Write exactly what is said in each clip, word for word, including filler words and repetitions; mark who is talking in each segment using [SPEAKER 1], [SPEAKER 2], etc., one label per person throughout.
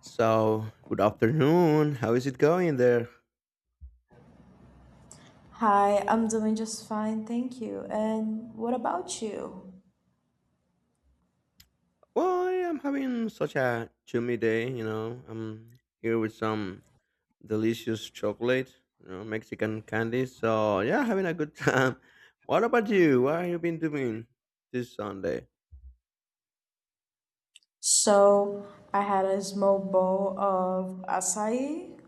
[SPEAKER 1] So, good afternoon. How is it going there?
[SPEAKER 2] Hi, I'm doing just fine, thank you. And what about you?
[SPEAKER 1] Well, I am having such a chummy day, you know. I'm here with some delicious chocolate, you know, Mexican candy. So, yeah, having a good time. What about you? What have you been doing this Sunday?
[SPEAKER 2] So, I had a small bowl of açaí,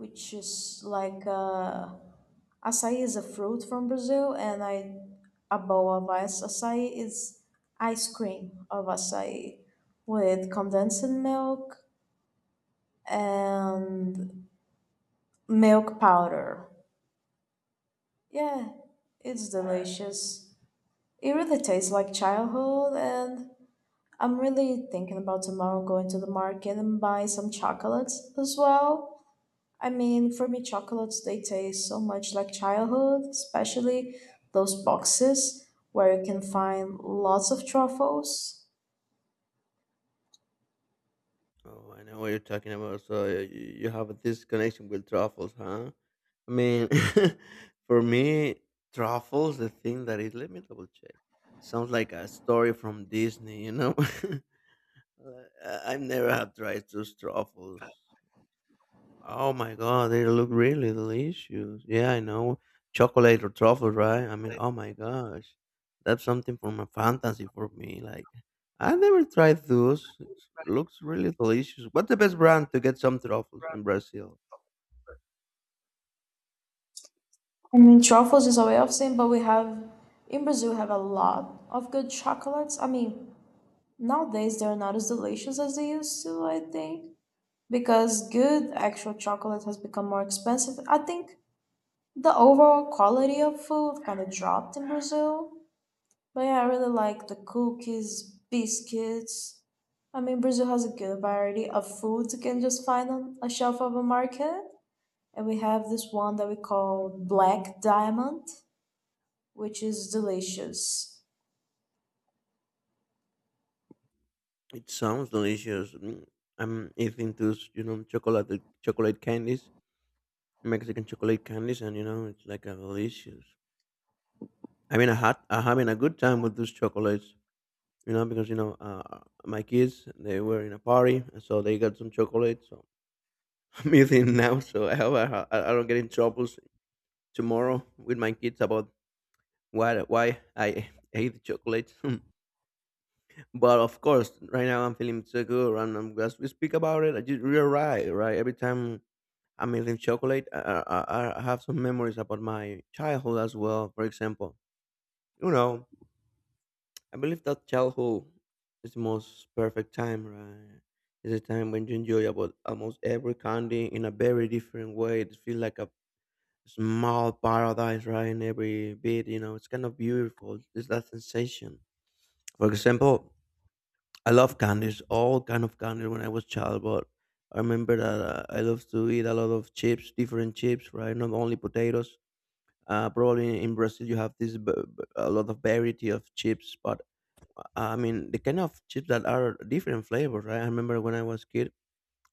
[SPEAKER 2] which is like uh açaí is a fruit from Brazil, and I a bowl of ice açaí is ice cream of açaí with condensed milk and milk powder. Yeah, it's delicious. It really tastes like childhood, and I'm really thinking about tomorrow going to the market and buy some chocolates as well. I mean, for me, chocolates, they taste so much like childhood, especially those boxes where you can find lots of truffles.
[SPEAKER 1] Oh, I know what you're talking about. So, y- y- you have this connection with truffles, huh? I mean, for me, truffles, the thing that is, let me double check. Sounds like a story from Disney, you know? Like, I- I've never had tried those truffles. Oh my god, they look really delicious. Yeah, I know. Chocolate or truffle, right? I mean, oh my gosh. That's something from a fantasy for me. Like, I never tried those. It looks really delicious. What's the best brand to get some truffles in Brazil?
[SPEAKER 2] I mean, truffles is a way of saying, but we have, in Brazil, we have a lot of good chocolates. I mean, nowadays they're not as delicious as they used to, I think, because good actual chocolate has become more expensive. I think the overall quality of food kind of dropped in Brazil, but yeah, I really like the cookies, biscuits. I mean, Brazil has a good variety of foods you can just find on a shelf of a market. And we have this one that we call Black Diamond, which is delicious.
[SPEAKER 1] It sounds delicious. Mm, I'm eating those, you know, chocolate chocolate candies, Mexican chocolate candies, and you know, it's like a delicious. I mean, I had I'm having a good time with those chocolates. You know, because you know, uh, my kids they were in a party, and so they got some chocolate. So I'm eating now, so I hope I, ha- I don't get in troubles tomorrow with my kids about why why I ate chocolate. But of course, right now I'm feeling so good, and I'm, as we speak about it, I just, you're right, right. Every time I'm eating chocolate, I, I, I I have some memories about my childhood as well. For example, you know. I believe that childhood is the most perfect time, right? It's a time when you enjoy about almost every candy in a very different way. It feels like a small paradise, right? In every bit, you know, it's kind of beautiful. It's that sensation. For example, I love candies, all kind of candies when I was child, but I remember that uh, I loved to eat a lot of chips, different chips, right? Not only potatoes. Uh, probably in Brazil you have this b- b- a lot of variety of chips, but I mean, the kind of chips that are different flavors, right? I remember when I was kid,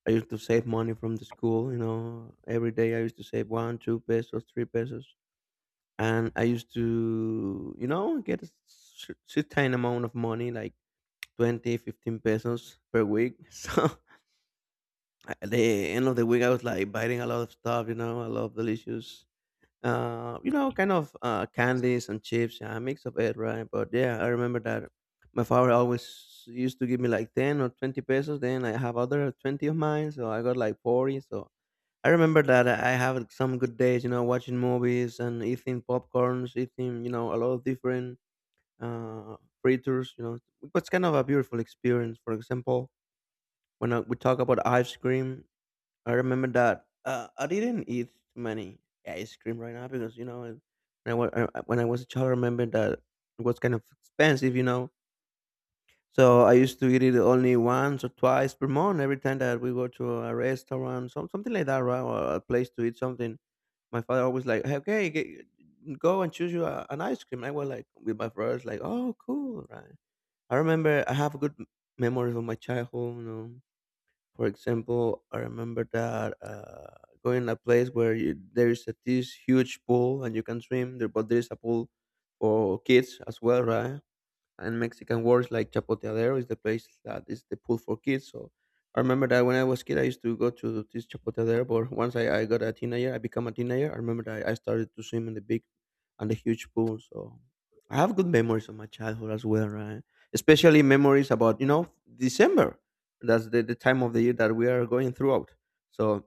[SPEAKER 1] I used to save money from the school. You know, every day I used to save one, two pesos, three pesos, and I used to, you know, get a s- s- certain amount of money, like twenty, fifteen pesos per week. So at the end of the week, I was like biting a lot of stuff, you know, a lot of delicious uh, you know, kind of uh, candies and chips, yeah, a mix of it, right? But yeah, I remember that my father always used to give me like ten or twenty pesos. Then I have other twenty of mine, so I got like forty. So I remember that I have some good days, you know, watching movies and eating popcorns, eating, you know, a lot of different uh, fritters, you know. It's kind of a beautiful experience. For example, when I, we talk about ice cream, I remember that. Uh, I didn't eat many ice cream right now because you know, when I, wa- uh, uh, when I was a child, I remember that it was kind of expensive, you know. So I used to eat it only once or twice per month. Every time that we go to a restaurant, some something like that, right, or a place to eat something, my father always like, "Hey, okay, g go and choose you a, an ice cream. I was like with my brothers, like, oh, cool, right. I remember I have a good m- memories of my childhood, you know. For example, I remember that uh, going a place where you, there is a, this huge pool and you can swim there, but there is a pool for kids as well, right? And Mexican words like chapoteadero is the place that is the pool for kids. So I remember that when I was kid, I used to go to this chapoteadero. But once I, I got a teenager, I become a teenager. I remember that I, I started to swim in the big and the huge pool. So I have good memories of my childhood as well, right? Especially memories about you know December. That's the, the time of the year that we are going throughout. So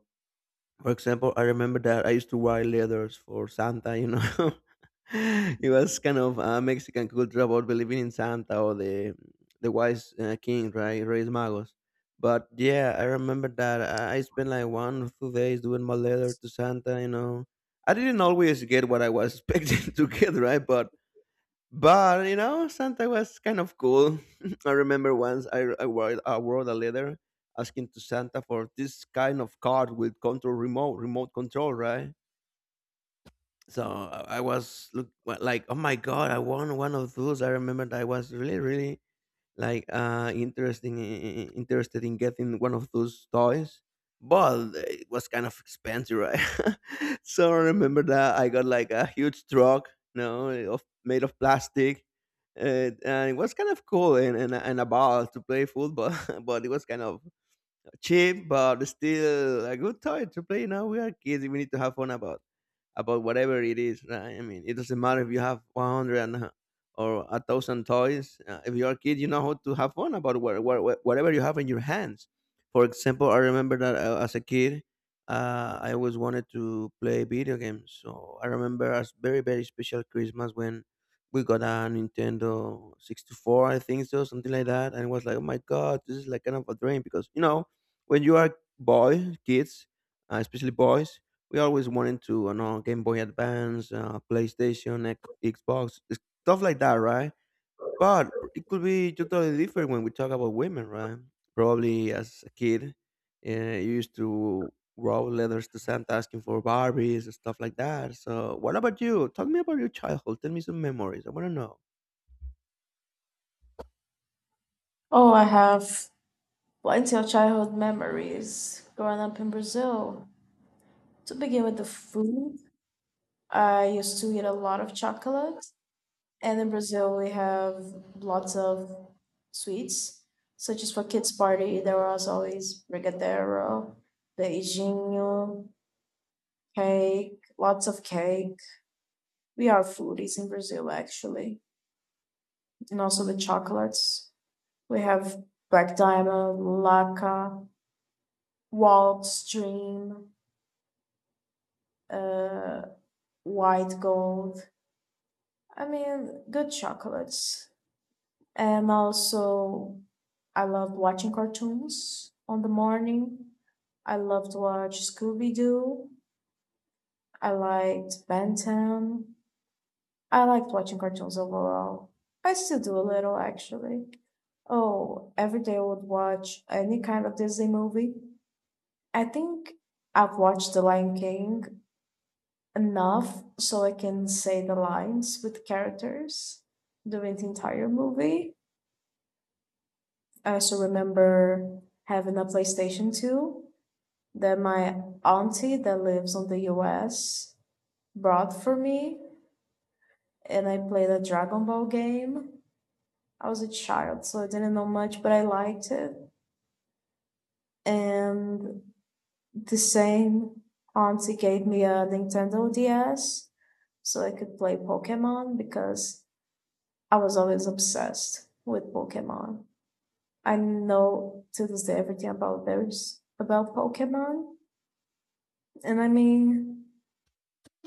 [SPEAKER 1] for example, I remember that I used to write letters for Santa, you know. It was kind of a Mexican culture about believing in Santa or the the wise uh, king, right? Reyes Magos. But yeah, I remember that I I spent like one or two days doing my letter to Santa, you know. I didn't always get what I was expecting to get, right? But but you know, Santa was kind of cool. I remember once I, I, wrote, I wrote a letter asking to Santa for this kind of card with control remote, remote control, right? So I I was look, like, oh my god, I want one of those. I remember that I was really, really like uh interesting interested in getting one of those toys, but it was kind of expensive, right? So I remember that I got like a huge truck, you know eh, of made of plastic, uh, and it was kind of cool and, and, and a ball to play football. But it was kind of cheap, but still a good toy to play. Now we are kids; we need to have fun about about whatever it is. Right? I mean, it doesn't matter if you have one hundred and a- or a thousand toys. Uh, if you are a kid, you know how to have fun about what, what, whatever you have in your hands. For example, I remember that uh, as a kid, uh, I always wanted to play video games. So I remember a very very special Christmas when we got a Nintendo sixty-four, I think so, something like that. And it was like, oh my God, this is like kind of a dream because, you know, when you are boy kids, uh, especially boys, we always wanted to, you know, Game Boy Advance, uh, PlayStation, X- Xbox, stuff like that, right? But it could be totally different when we talk about women, right? Probably as a kid, uh, you used to write letters to Santa asking for Barbies and stuff like that. So, what about you? Talk me about your childhood. Tell me some memories. I want to know.
[SPEAKER 2] Oh, I have plenty of childhood memories growing up in Brazil. To begin with the food, I used to eat a lot of chocolate. And in Brazil, we have lots of sweets, such as for kids' party, there was always brigadeiro, beijinho, cake, lots of cake. We are foodies in Brazil, actually, and also the chocolates. We have Black Diamond, Laca, Waltz Dream, uh, White Gold. I mean, good chocolates. And also, I loved watching cartoons on the morning. I loved to watch Scooby Doo. I liked Ben ten. I liked watching cartoons overall. I still do a little actually. Oh, every day I would watch any kind of Disney movie. I think I've watched The Lion King enough so I can say the lines with characters during the entire movie. I also remember having a PlayStation two that my auntie that lives on the U S brought for me, and I played a Dragon Ball game. I was a child, so I didn't know much, but I liked it. And the same auntie gave me a Nintendo D S so I could play Pokemon because I was always obsessed with Pokemon. I know to this day everything about there's about Pokemon. And I mean,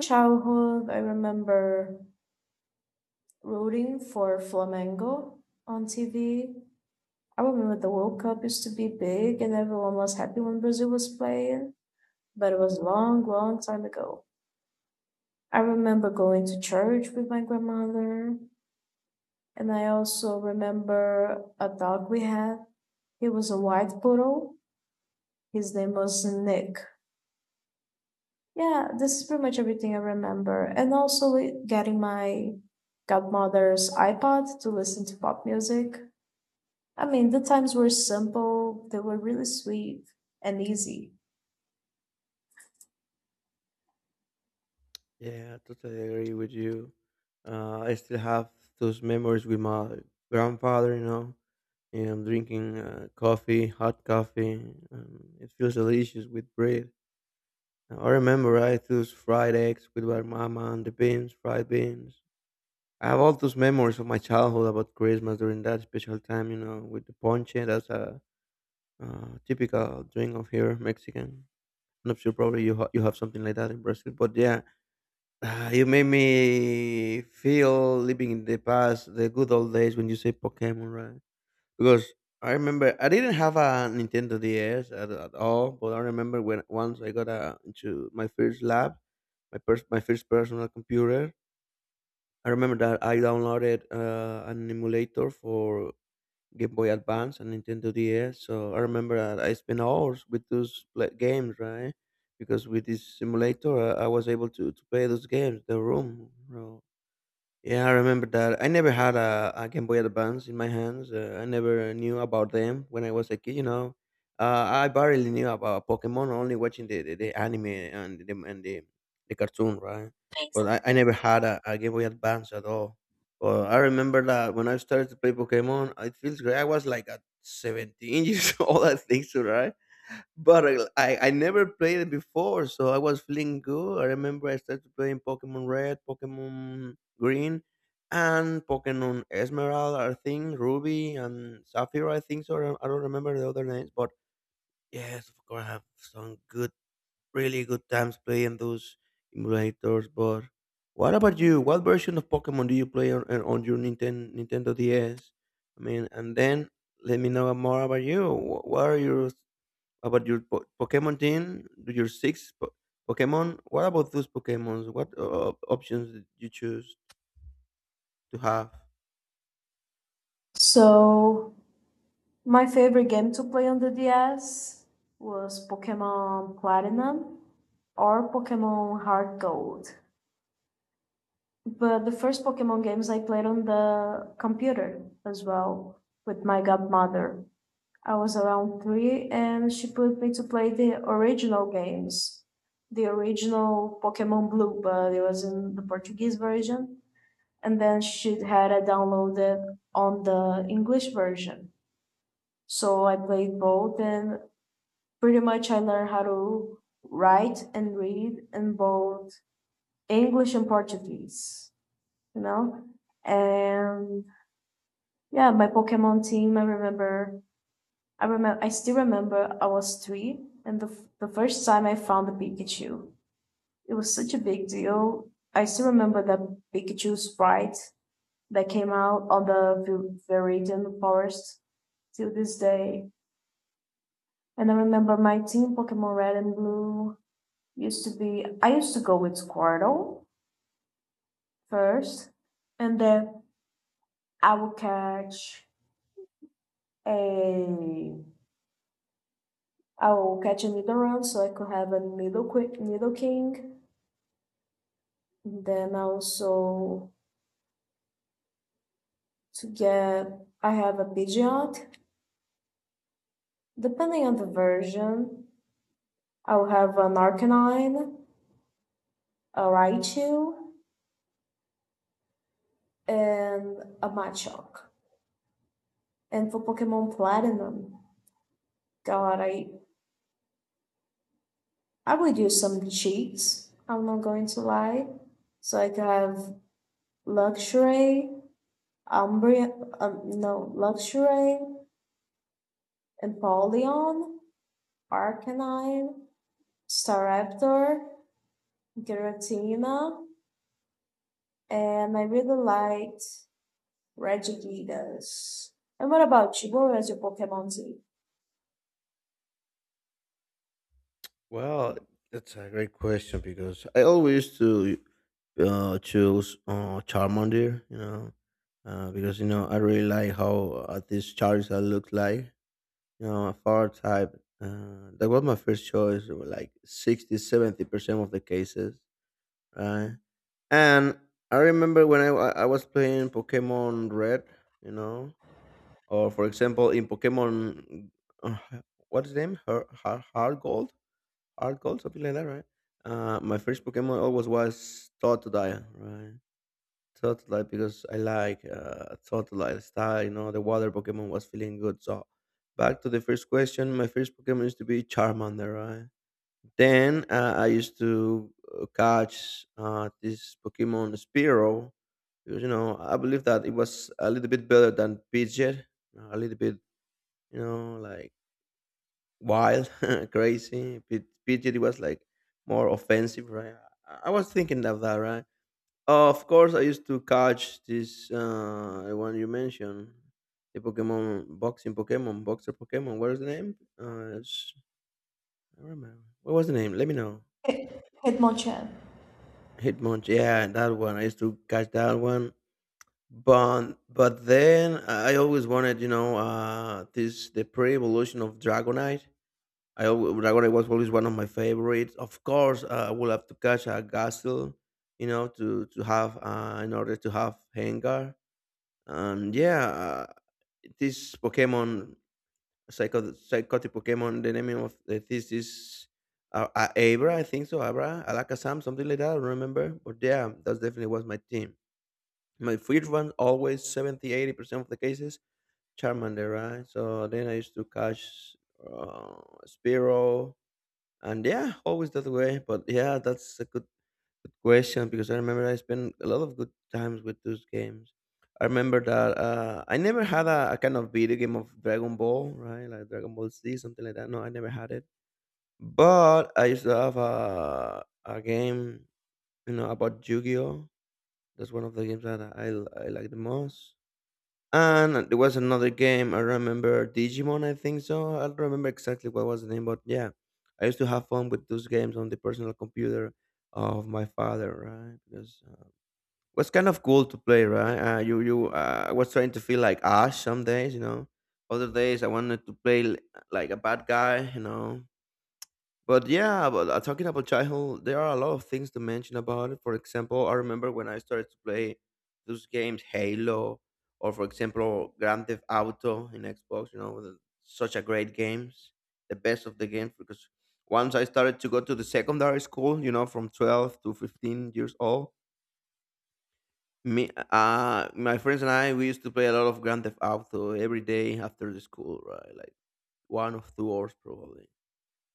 [SPEAKER 2] childhood, I remember rooting for Flamengo on T V. I remember the World Cup used to be big and everyone was happy when Brazil was playing, but it was long, long time ago. I remember going to church with my grandmother, and I also remember a dog we had. He was a white poodle. His name was Nick. Yeah, this is pretty much everything I remember. And also li- getting my godmother's iPod to listen to pop music. I mean, the times were simple, they were really sweet and easy.
[SPEAKER 1] Yeah, I totally agree with you. Uh, I still have those memories with my grandfather, you know. Yeah, I'm drinking uh, coffee, hot coffee. Um, it feels delicious with bread. Now, I remember I ate those fried eggs with my mama and the beans, fried beans. I have all those memories of my childhood about Christmas during that special time, you know, with the ponche. That's a uh, typical drink of here, Mexican. I'm not sure, probably you, ha- you have something like that in Brazil. But yeah, uh, you made me feel living in the past, the good old days when you say Pokemon, right? Because I remember I didn't have a Nintendo D S at, at all, but I remember when once I got a, into my first lab, my first my first personal computer. I remember that I downloaded uh, an emulator for Game Boy Advance and Nintendo D S. So I remember that I spent hours with those play- games, right? Because with this simulator, I, I was able to, to play those games, the room. Bro. Yeah, I remember that. I never had a, a Game Boy Advance in my hands. Uh, I never knew about them when I was a kid. You know, uh, I barely knew about Pokemon, only watching the, the, the anime and the and the, the cartoon, right? But I, I never had a, a Game Boy Advance at all. But I remember that when I started to play Pokemon, it feels great. I was like at seventeen years old, I think so, right? But I, I I never played it before, so I was feeling good. I remember I started playing Pokemon Red, Pokemon Green, and Pokemon Esmeralda, I think, Ruby, and Sapphire, I think so. I don't I don't remember the other names, but yes, of course, I have some good, really good times playing those emulators. But what about you? What version of Pokemon do you play on, on on your Nintendo, Nintendo D S? I mean, and then let me know more about you. Wh- What are your about your po- Pokemon team, your six po- Pokemon. What about those Pokemons? What uh, options did you choose to have?
[SPEAKER 2] So, my favorite game to play on the D S was Pokemon Platinum or Pokemon Heart Gold. But the first Pokemon games I played on the computer as well with my godmother. I was around three, and she put me to play the original games, the original Pokemon Blue, but it was in the Portuguese version, and then she had it downloaded on the English version. So I played both, and pretty much I learned how to write and read in both English and Portuguese, you know? And yeah, my Pokemon team, I remember I remember, I still remember I was three, and the, f- the first time I found the Pikachu, it was such a big deal. I still remember the Pikachu sprite that came out on the Vir- Viridian Forest till this day. And I remember my team Pokemon Red and Blue used to be, I used to go with Squirtle first, and then I would catch a, I will catch a Nidoran so I could have a Nidoqui- Nidoking. Then also to get, I have a Pidgeot. Depending on the version, I'll have an Arcanine, a Raichu, and a Machoke. And for Pokemon Platinum, God, I I would use some cheats. I'm not going to lie. So I could have Luxray, Umbreon. Um, no, Luxray, Empoleon, Arcanine, Staraptor, Giratina, and I really liked Regigigas. And what about you? What was your Pokemon Z?
[SPEAKER 1] Well, that's a great question because I always to uh, choose uh, Charmander, you know, uh, because you know I really like how uh, this Charizard looks like, you know, a fire type. Uh, that was my first choice, like sixty, seventy percent of the cases, right? And I remember when I, wa- I was playing Pokemon Red, you know, or for example in Pokemon, uh, what's his name? Her, her, Heart Gold, Heart Gold, something like that, right? Uh, my first Pokemon always was Totodile, right? Totodile because I like uh, Totodile style, you know, the water Pokemon was feeling good. So back to the first question, my first Pokemon used to be Charmander, right? Then uh, I used to uh, catch uh, this Pokemon Spearow because you know I believe that it was a little bit better than Pidgeot, a little bit, you know, like wild, crazy. Pid- Pidgeot was like more offensive, right? I I was thinking of that, right? Of course, I used to catch this uh, the one you mentioned, the Pokemon boxing Pokemon, boxer Pokemon. What is the name? Uh, it's- I don't remember. What was the name? Let me know.
[SPEAKER 2] Hit- Hitmonchan.
[SPEAKER 1] Hitmonch, yeah, that one. I used to catch that one. But but then I always wanted, you know, uh this the pre-evolution of Dragonite. I always, Dragonite was always one of my favorites. Of course, uh, I will have to catch a Gastel, you know, to to have uh, in order to have Hengar. And yeah, uh, this Pokemon Psycho Psychotic Pokemon. The name of the this is uh, uh, Abra, I think so. Abra, Alakazam, something like that. I don't remember, but yeah, that definitely was my team. My first one always seventy, eighty percent of the cases Charmander, right? So then I used to catch uh, Spearow, and yeah, always that way. But yeah, that's a good good question, because I remember I spent a lot of good times with those games. I remember that uh, I never had a, a kind of video game of Dragon Ball, right? Like Dragon Ball Z, something like that. No, I never had it. But I used to have a, a game, you know, about Yu-Gi-Oh. That's one of the games that I, I like the most. And there was another game I remember, Digimon, I think so. I don't remember exactly what was the name, but yeah, I used to have fun with those games on the personal computer of my father, right? Because was kind of cool to play, right? Uh, you you uh, I was trying to feel like Ash some days, you know. Other days I wanted to play l- like a bad guy, you know. But yeah, but uh, talking about childhood, there are a lot of things to mention about it. For example, I remember when I started to play those games, Halo, or for example, Grand Theft Auto in Xbox. You know, the- such a great games, the best of the games. Because once I started to go to the secondary school, you know, from twelve to fifteen years old, me, uh, my friends and I, we used to play a lot of Grand Theft Auto every day after the school, right? Like one or two hours probably,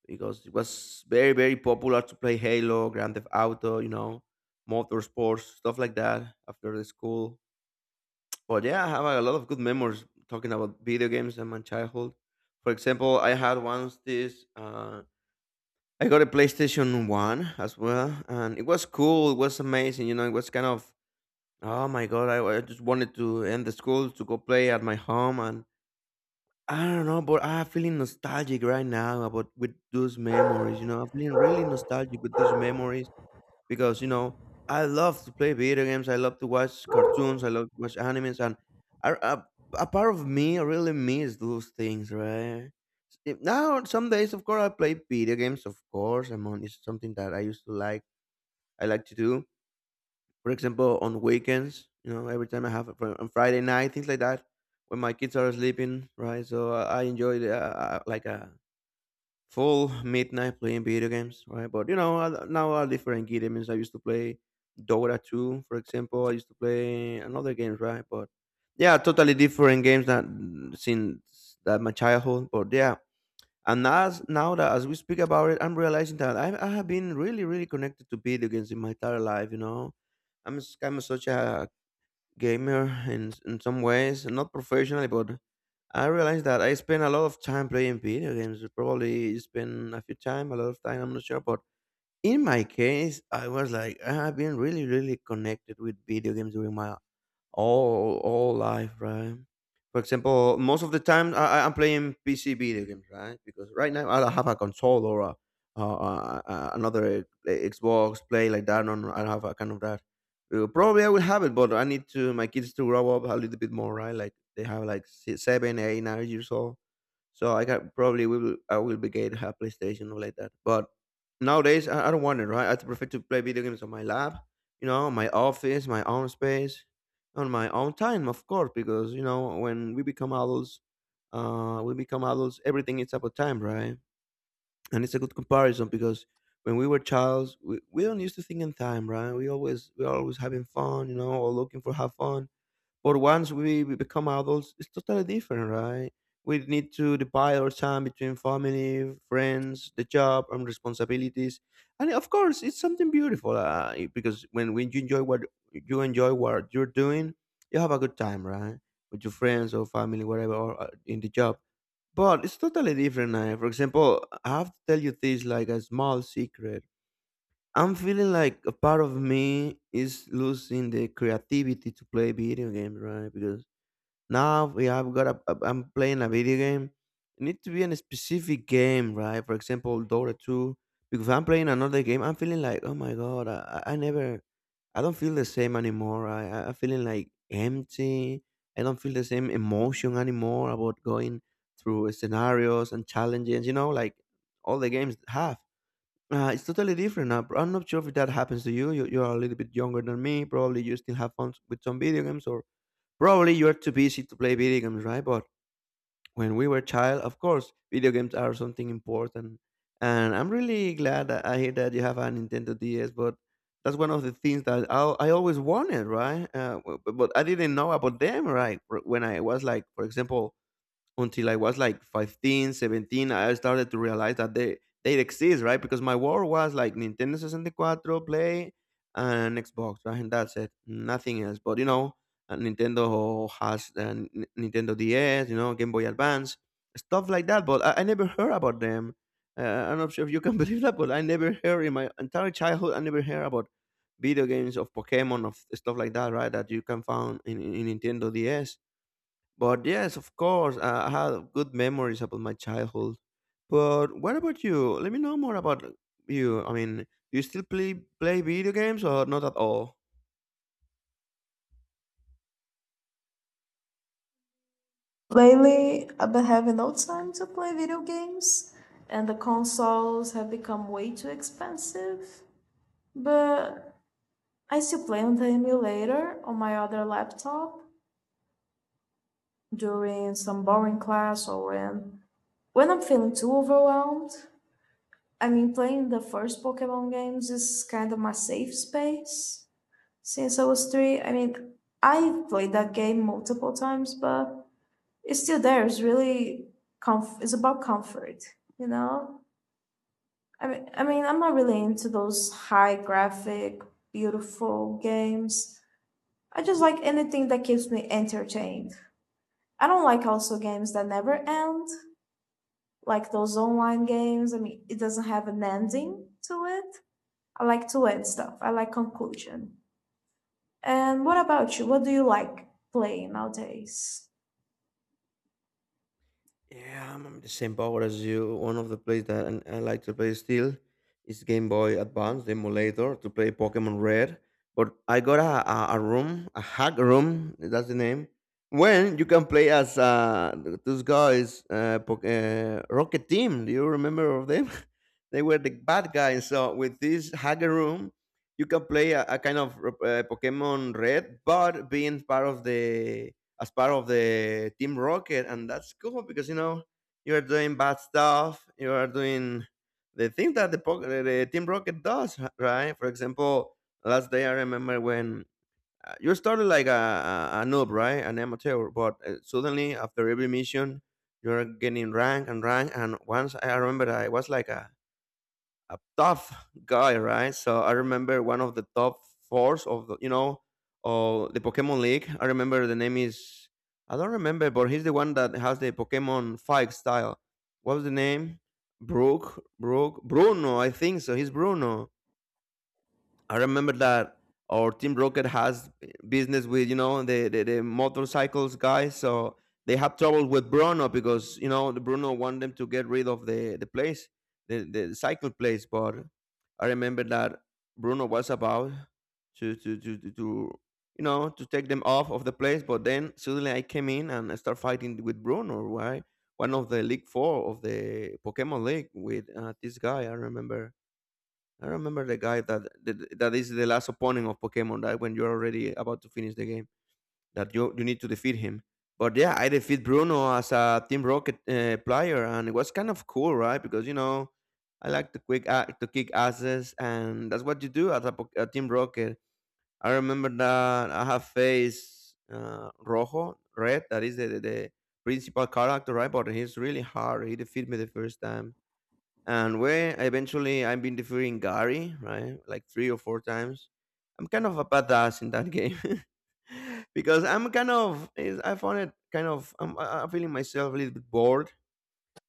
[SPEAKER 1] because it was very, very popular to play Halo, Grand Theft Auto, you know, motorsports, stuff like that after the school. But yeah, I have a lot of good memories talking about video games and my childhood. For example, I had once this. Uh, I got a PlayStation One as well, and it was cool. It was amazing. You know, it was kind of oh my god, I, I just wanted to end the school to go play at my home, and I don't know, but I'm feeling nostalgic right now about with those memories, you know. I'm feeling really nostalgic with those memories because, you know, I love to play video games, I love to watch cartoons, I love to watch animes, and I, a, a part of me really miss those things, right? If- Now some days of course I play video games, of course. I'm on it's something that I used to like, I like to do, for example, on weekends, you know, every time I have a on Friday night, things like that, when my kids are sleeping, right? So i, I enjoy the, uh, uh, like a full midnight playing video games, right? But you know, I- now are different games. I used to play Dota two, for example. I used to play another games, right? But yeah, totally different games that since that my childhood, but yeah. And as now that as we speak about it, I'm realizing that I, I have been really, really connected to video games in my entire life. You know, I'm s- I'm such a gamer in s- in some ways, not professionally, but I realized that I spend a lot of time playing video games. Probably spend a few time, a lot of time. I'm not sure, but in my case, I was like I have been really, really connected with video games during my all all life, right? For example, most of the time I, I- I'm playing P C video games, right? Because right now I don't have a console or a, uh, uh, uh, another uh, Xbox play like that. No, no, I don't have a kind of that. Uh, Probably I will have it, but I need to my kids to grow up a little bit more, right? Like they have like si- seven, eight, nine years old. So I got probably will I will be get a PlayStation or like that. But nowadays I, I don't want it, right? I prefer to play video games on my lab, you know, my office, my own space, on my own time, of course, because you know when we become adults, uh, we become adults. Everything is about time, right? And it's a good comparison because when we were childs, we, we don't used to think in time, right? We always we always having fun, you know, or looking for have fun. But once we we become adults, it's totally different, right? We need to divide our time between family, friends, the job, and responsibilities. And of course, it's something beautiful uh, because when, when you enjoy what you enjoy what you're doing, you have a good time, right? With your friends or family, whatever, or uh, in the job. But it's totally different now. For example, I have to tell you this like a small secret. I'm feeling like a part of me is losing the creativity to play video games, right? Because now we have got a, a- I'm playing a video game. It needs to be in a specific game, right? For example, Dota two. Because if I'm playing another game, I'm feeling like, oh my god, I, I I never, I don't feel the same anymore. I, I- I'm feeling like empty. I don't feel the same emotion anymore about going through scenarios and challenges. You know, like all the games have. Uh, it's totally different now. I'm not sure if that happens to you. you. You are a little bit younger than me. Probably you still have fun with some video games, or probably you're too busy to play video games, right? But when we were child, of course, video games are something important. And I'm really glad that I hear that you have a Nintendo D S, but that's one of the things that I, I always wanted, right? Uh, w- but, but I didn't know about them, right? When I was like, for example, until I was like fifteen, seventeen, I started to realize that they they exist, right? Because my war was like Nintendo sixty-four, Play, and Xbox, right? And that's it, nothing else. But you know, uh, Nintendo has uh, N- Nintendo D S, you know, Game Boy Advance, stuff like that. But I, I never heard about them. Uh, I'm not sure if you can believe that, but I never heard in my entire childhood. I never heard about video games of Pokemon of stuff like that, right? That you can find in, in in Nintendo D S. But yes, of course, uh, I have good memories about my childhood. But what about you? Let me know more about you. I mean, do you still play play video games or not at all?
[SPEAKER 2] Lately, I've been having no time to play video games, and the consoles have become way too expensive. But I still play on the emulator on my other laptop during some boring class or when, when I'm feeling too overwhelmed. I mean, playing the first Pokemon games is kind of my safe space since I was three. I mean, I played that game multiple times, but it's still there. It's really comf- it's about comfort, you know. I mean, I mean, I'm not really into those high graphic, beautiful games. I just like anything that keeps me entertained. I don't like also games that never end, like those online games. I mean, it doesn't have an ending to it. I like to end stuff. I like conclusion. And what about you? What do you like playing nowadays?
[SPEAKER 1] Yeah, I'm I'm the same power as you. One of the plays that and I like to play still is Game Boy Advance, the emulator, to play Pokemon Red. But I got a, a, a room, a hack room, that's the name, when you can play as uh, those guys, uh, Pok- uh, Rocket Team. Do you remember of them? They were the bad guys. So with this hack room, you can play a, a kind of uh, Pokemon Red, but being part of the as part of the Team Rocket, and that's cool because you know you are doing bad stuff, you are doing the thing that the, po- the Team Rocket does, right? For example, last day I remember when uh, you started like a, a a noob, right, an amateur, but uh, suddenly after every mission you're getting rank and rank, and once I remember I was like a a tough guy, right? So I remember one of the top fours of the, you know, of the Pokemon League. I remember the name is, I don't remember, but he's the one that has the Pokemon fight style. What was the name? Brook, Brook, Bruno, I think so. He's Bruno. I remember that our Team Rocket has business with you know the the, the motorcycles guys, so they had trouble with Bruno because you know the Bruno wanted them to get rid of the the place, the the cycle place. But I remember that Bruno was about to to to to. to you know, to take them off of the place, but then suddenly I came in and I start fighting with Bruno, right? One of the League Four of the Pokemon League with uh, this guy. I remember I remember the guy that that that is the last opponent of Pokemon. That when you're already about to finish the game, that you you need to defeat him. But yeah, I defeat Bruno as a Team Rocket uh, player, and it was kind of cool, right? Because you know, I like to quick uh, to kick asses, and that's what you do as a, po- a Team Rocket. I remember that I have faced uh, Rojo Red, that is the, the the principal character, right? But he's really hard. He defeated me the first time, and where eventually I've been defeating Gary, right? Like three or four times. I'm kind of a badass in that game. Because I'm kind of, is- I found it kind of, I'm, I- I'm feeling myself a little bit bored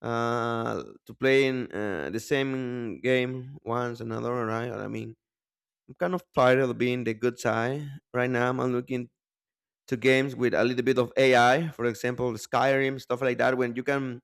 [SPEAKER 1] uh to playing uh, the same game once another, right? I mean, I'm kind of tired of being the good guy. Right now I'm looking to games with a little bit of A I, for example, Skyrim, stuff like that, when you can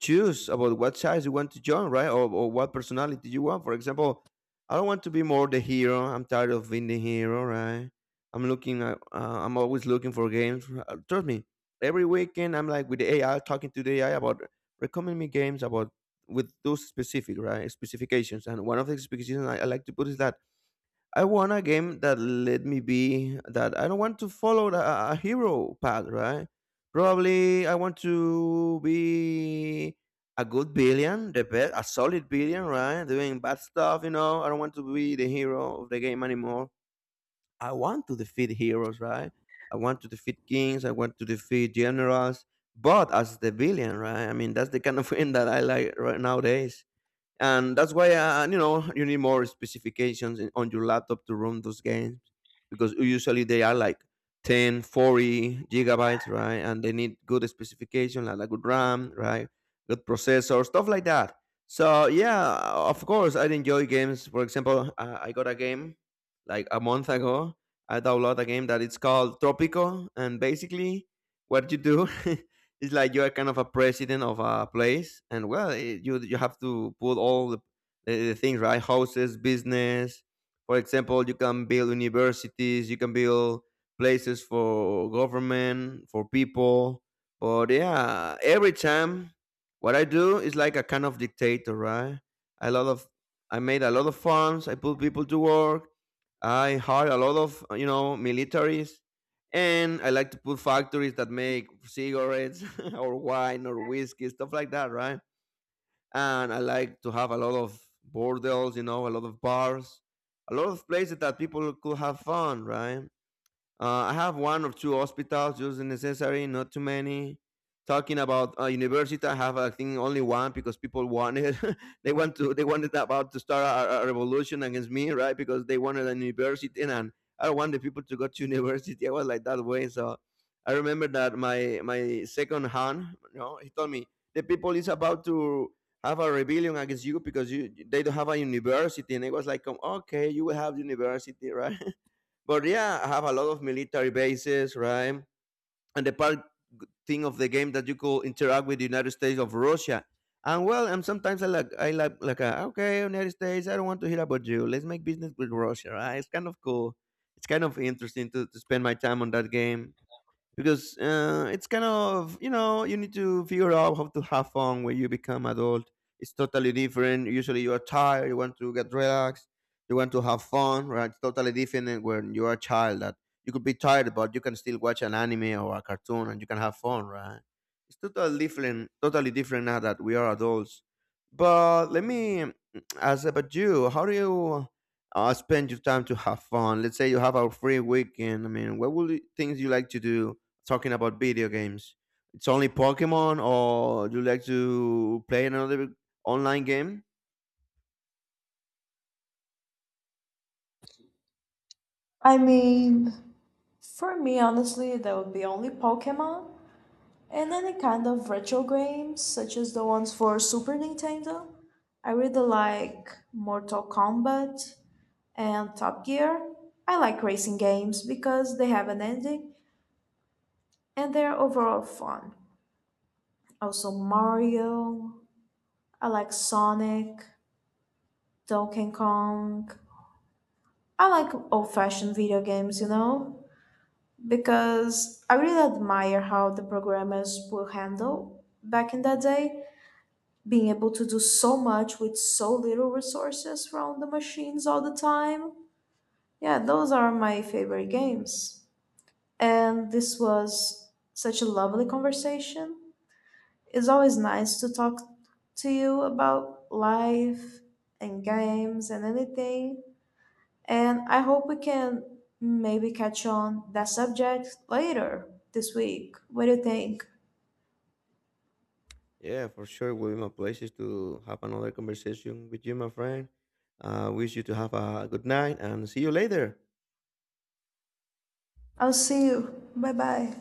[SPEAKER 1] choose about what size you want to join, right? Or, or what personality you want. For example, I don't want to be more the hero. I'm tired of being the hero, right? I'm looking, at, uh, I'm always looking for games. Uh, Trust me, every weekend I'm like with the A I, talking to the A I about recommend me games about with those specific, right? Specifications. And one of the specifications I, I like to put is that I want a game that let me be, that I don't want to follow the, a hero path, right? Probably I want to be a good billion, the best, a solid billion, right? Doing bad stuff, you know. I don't want to be the hero of the game anymore. I want to defeat heroes, right? I want to defeat kings. I want to defeat generals, but as the villain, right? I mean, that's the kind of game that I like right nowadays, and that's why uh, you know you need more specifications in, on your laptop to run those games because usually they are like ten forty gigabytes, right? And they need good specification, like a good ram, right? Good processor, stuff like that. So yeah, of course I enjoy games. For example, uh, I got a game like a month ago. I downloaded a game that it's called Tropico, and basically what you do it's like you're kind of a president of a place, and well, it, you you have to put all the, the, the things right, houses, business. For example, you can build universities, you can build places for government, for people. But yeah, every time what I do is like a kind of dictator, right? A lot of I made a lot of funds. I put people to work. I hired a lot of you know militaries, and I like to put factories that make cigarettes or wine or whiskey, stuff like that, right? And I like to have a lot of bordels, you know, a lot of bars, a lot of places that people could have fun, right? Uh, I have one or two hospitals, just the necessary, not too many. Talking about uh, university, I have, I think, only one because people wanted they want to they wanted about to start a, a revolution against me, right? Because they wanted a university, and I don't want the people to go to university. I was like that way, so I remember that my my second hand, you know, he told me the people is about to have a rebellion against you because you they don't have a university, and I was like, "Come, okay, you will have university," right? But yeah, I have a lot of military bases, right? And the part thing of the game that you could interact with the United States of Russia. And well, and sometimes I like I like like uh, okay, United States, I don't want to hear about you. Let's make business with Russia, right? It's kind of cool. It's kind of interesting to, to spend my time on that game because uh, it's kind of, you know you need to figure out how to have fun. When you become adult it's totally different. Usually you are tired, you want to get relaxed, you want to have fun, right? It's totally different than when you are a child, that you could be tired but you can still watch an anime or a cartoon and you can have fun, right? It's totally different, totally different now that we are adults. But let me mm, ask about you, how do you uh, spend your time to have fun? Let's say you have a free weekend. I mean, what would you- things you like to do, talking about video games. It's only Pokemon, or do you like to play another online game?
[SPEAKER 2] I mean, for me, honestly, that would be only Pokemon and any kind of retro games, such as the ones for Super Nintendo. I really like Mortal Kombat and Top Gear. I like racing games because they have an ending and they're overall fun. Also, Mario. I like Sonic. Donkey Kong. I like old fashioned video games, you know, because I really admire how the programmers will handle back in that day, being able to do so much with so little resources from the machines all the time. Yeah, those are my favorite games. And this was such a lovely conversation. It's always nice to talk to you about life and games and anything. And I hope we can maybe catch on that subject later this week. What do you think?
[SPEAKER 1] Yeah, for sure. It will be my pleasure to have another conversation with you, my friend. I wish you to have a good night and see you later.
[SPEAKER 2] I'll see you. Bye bye.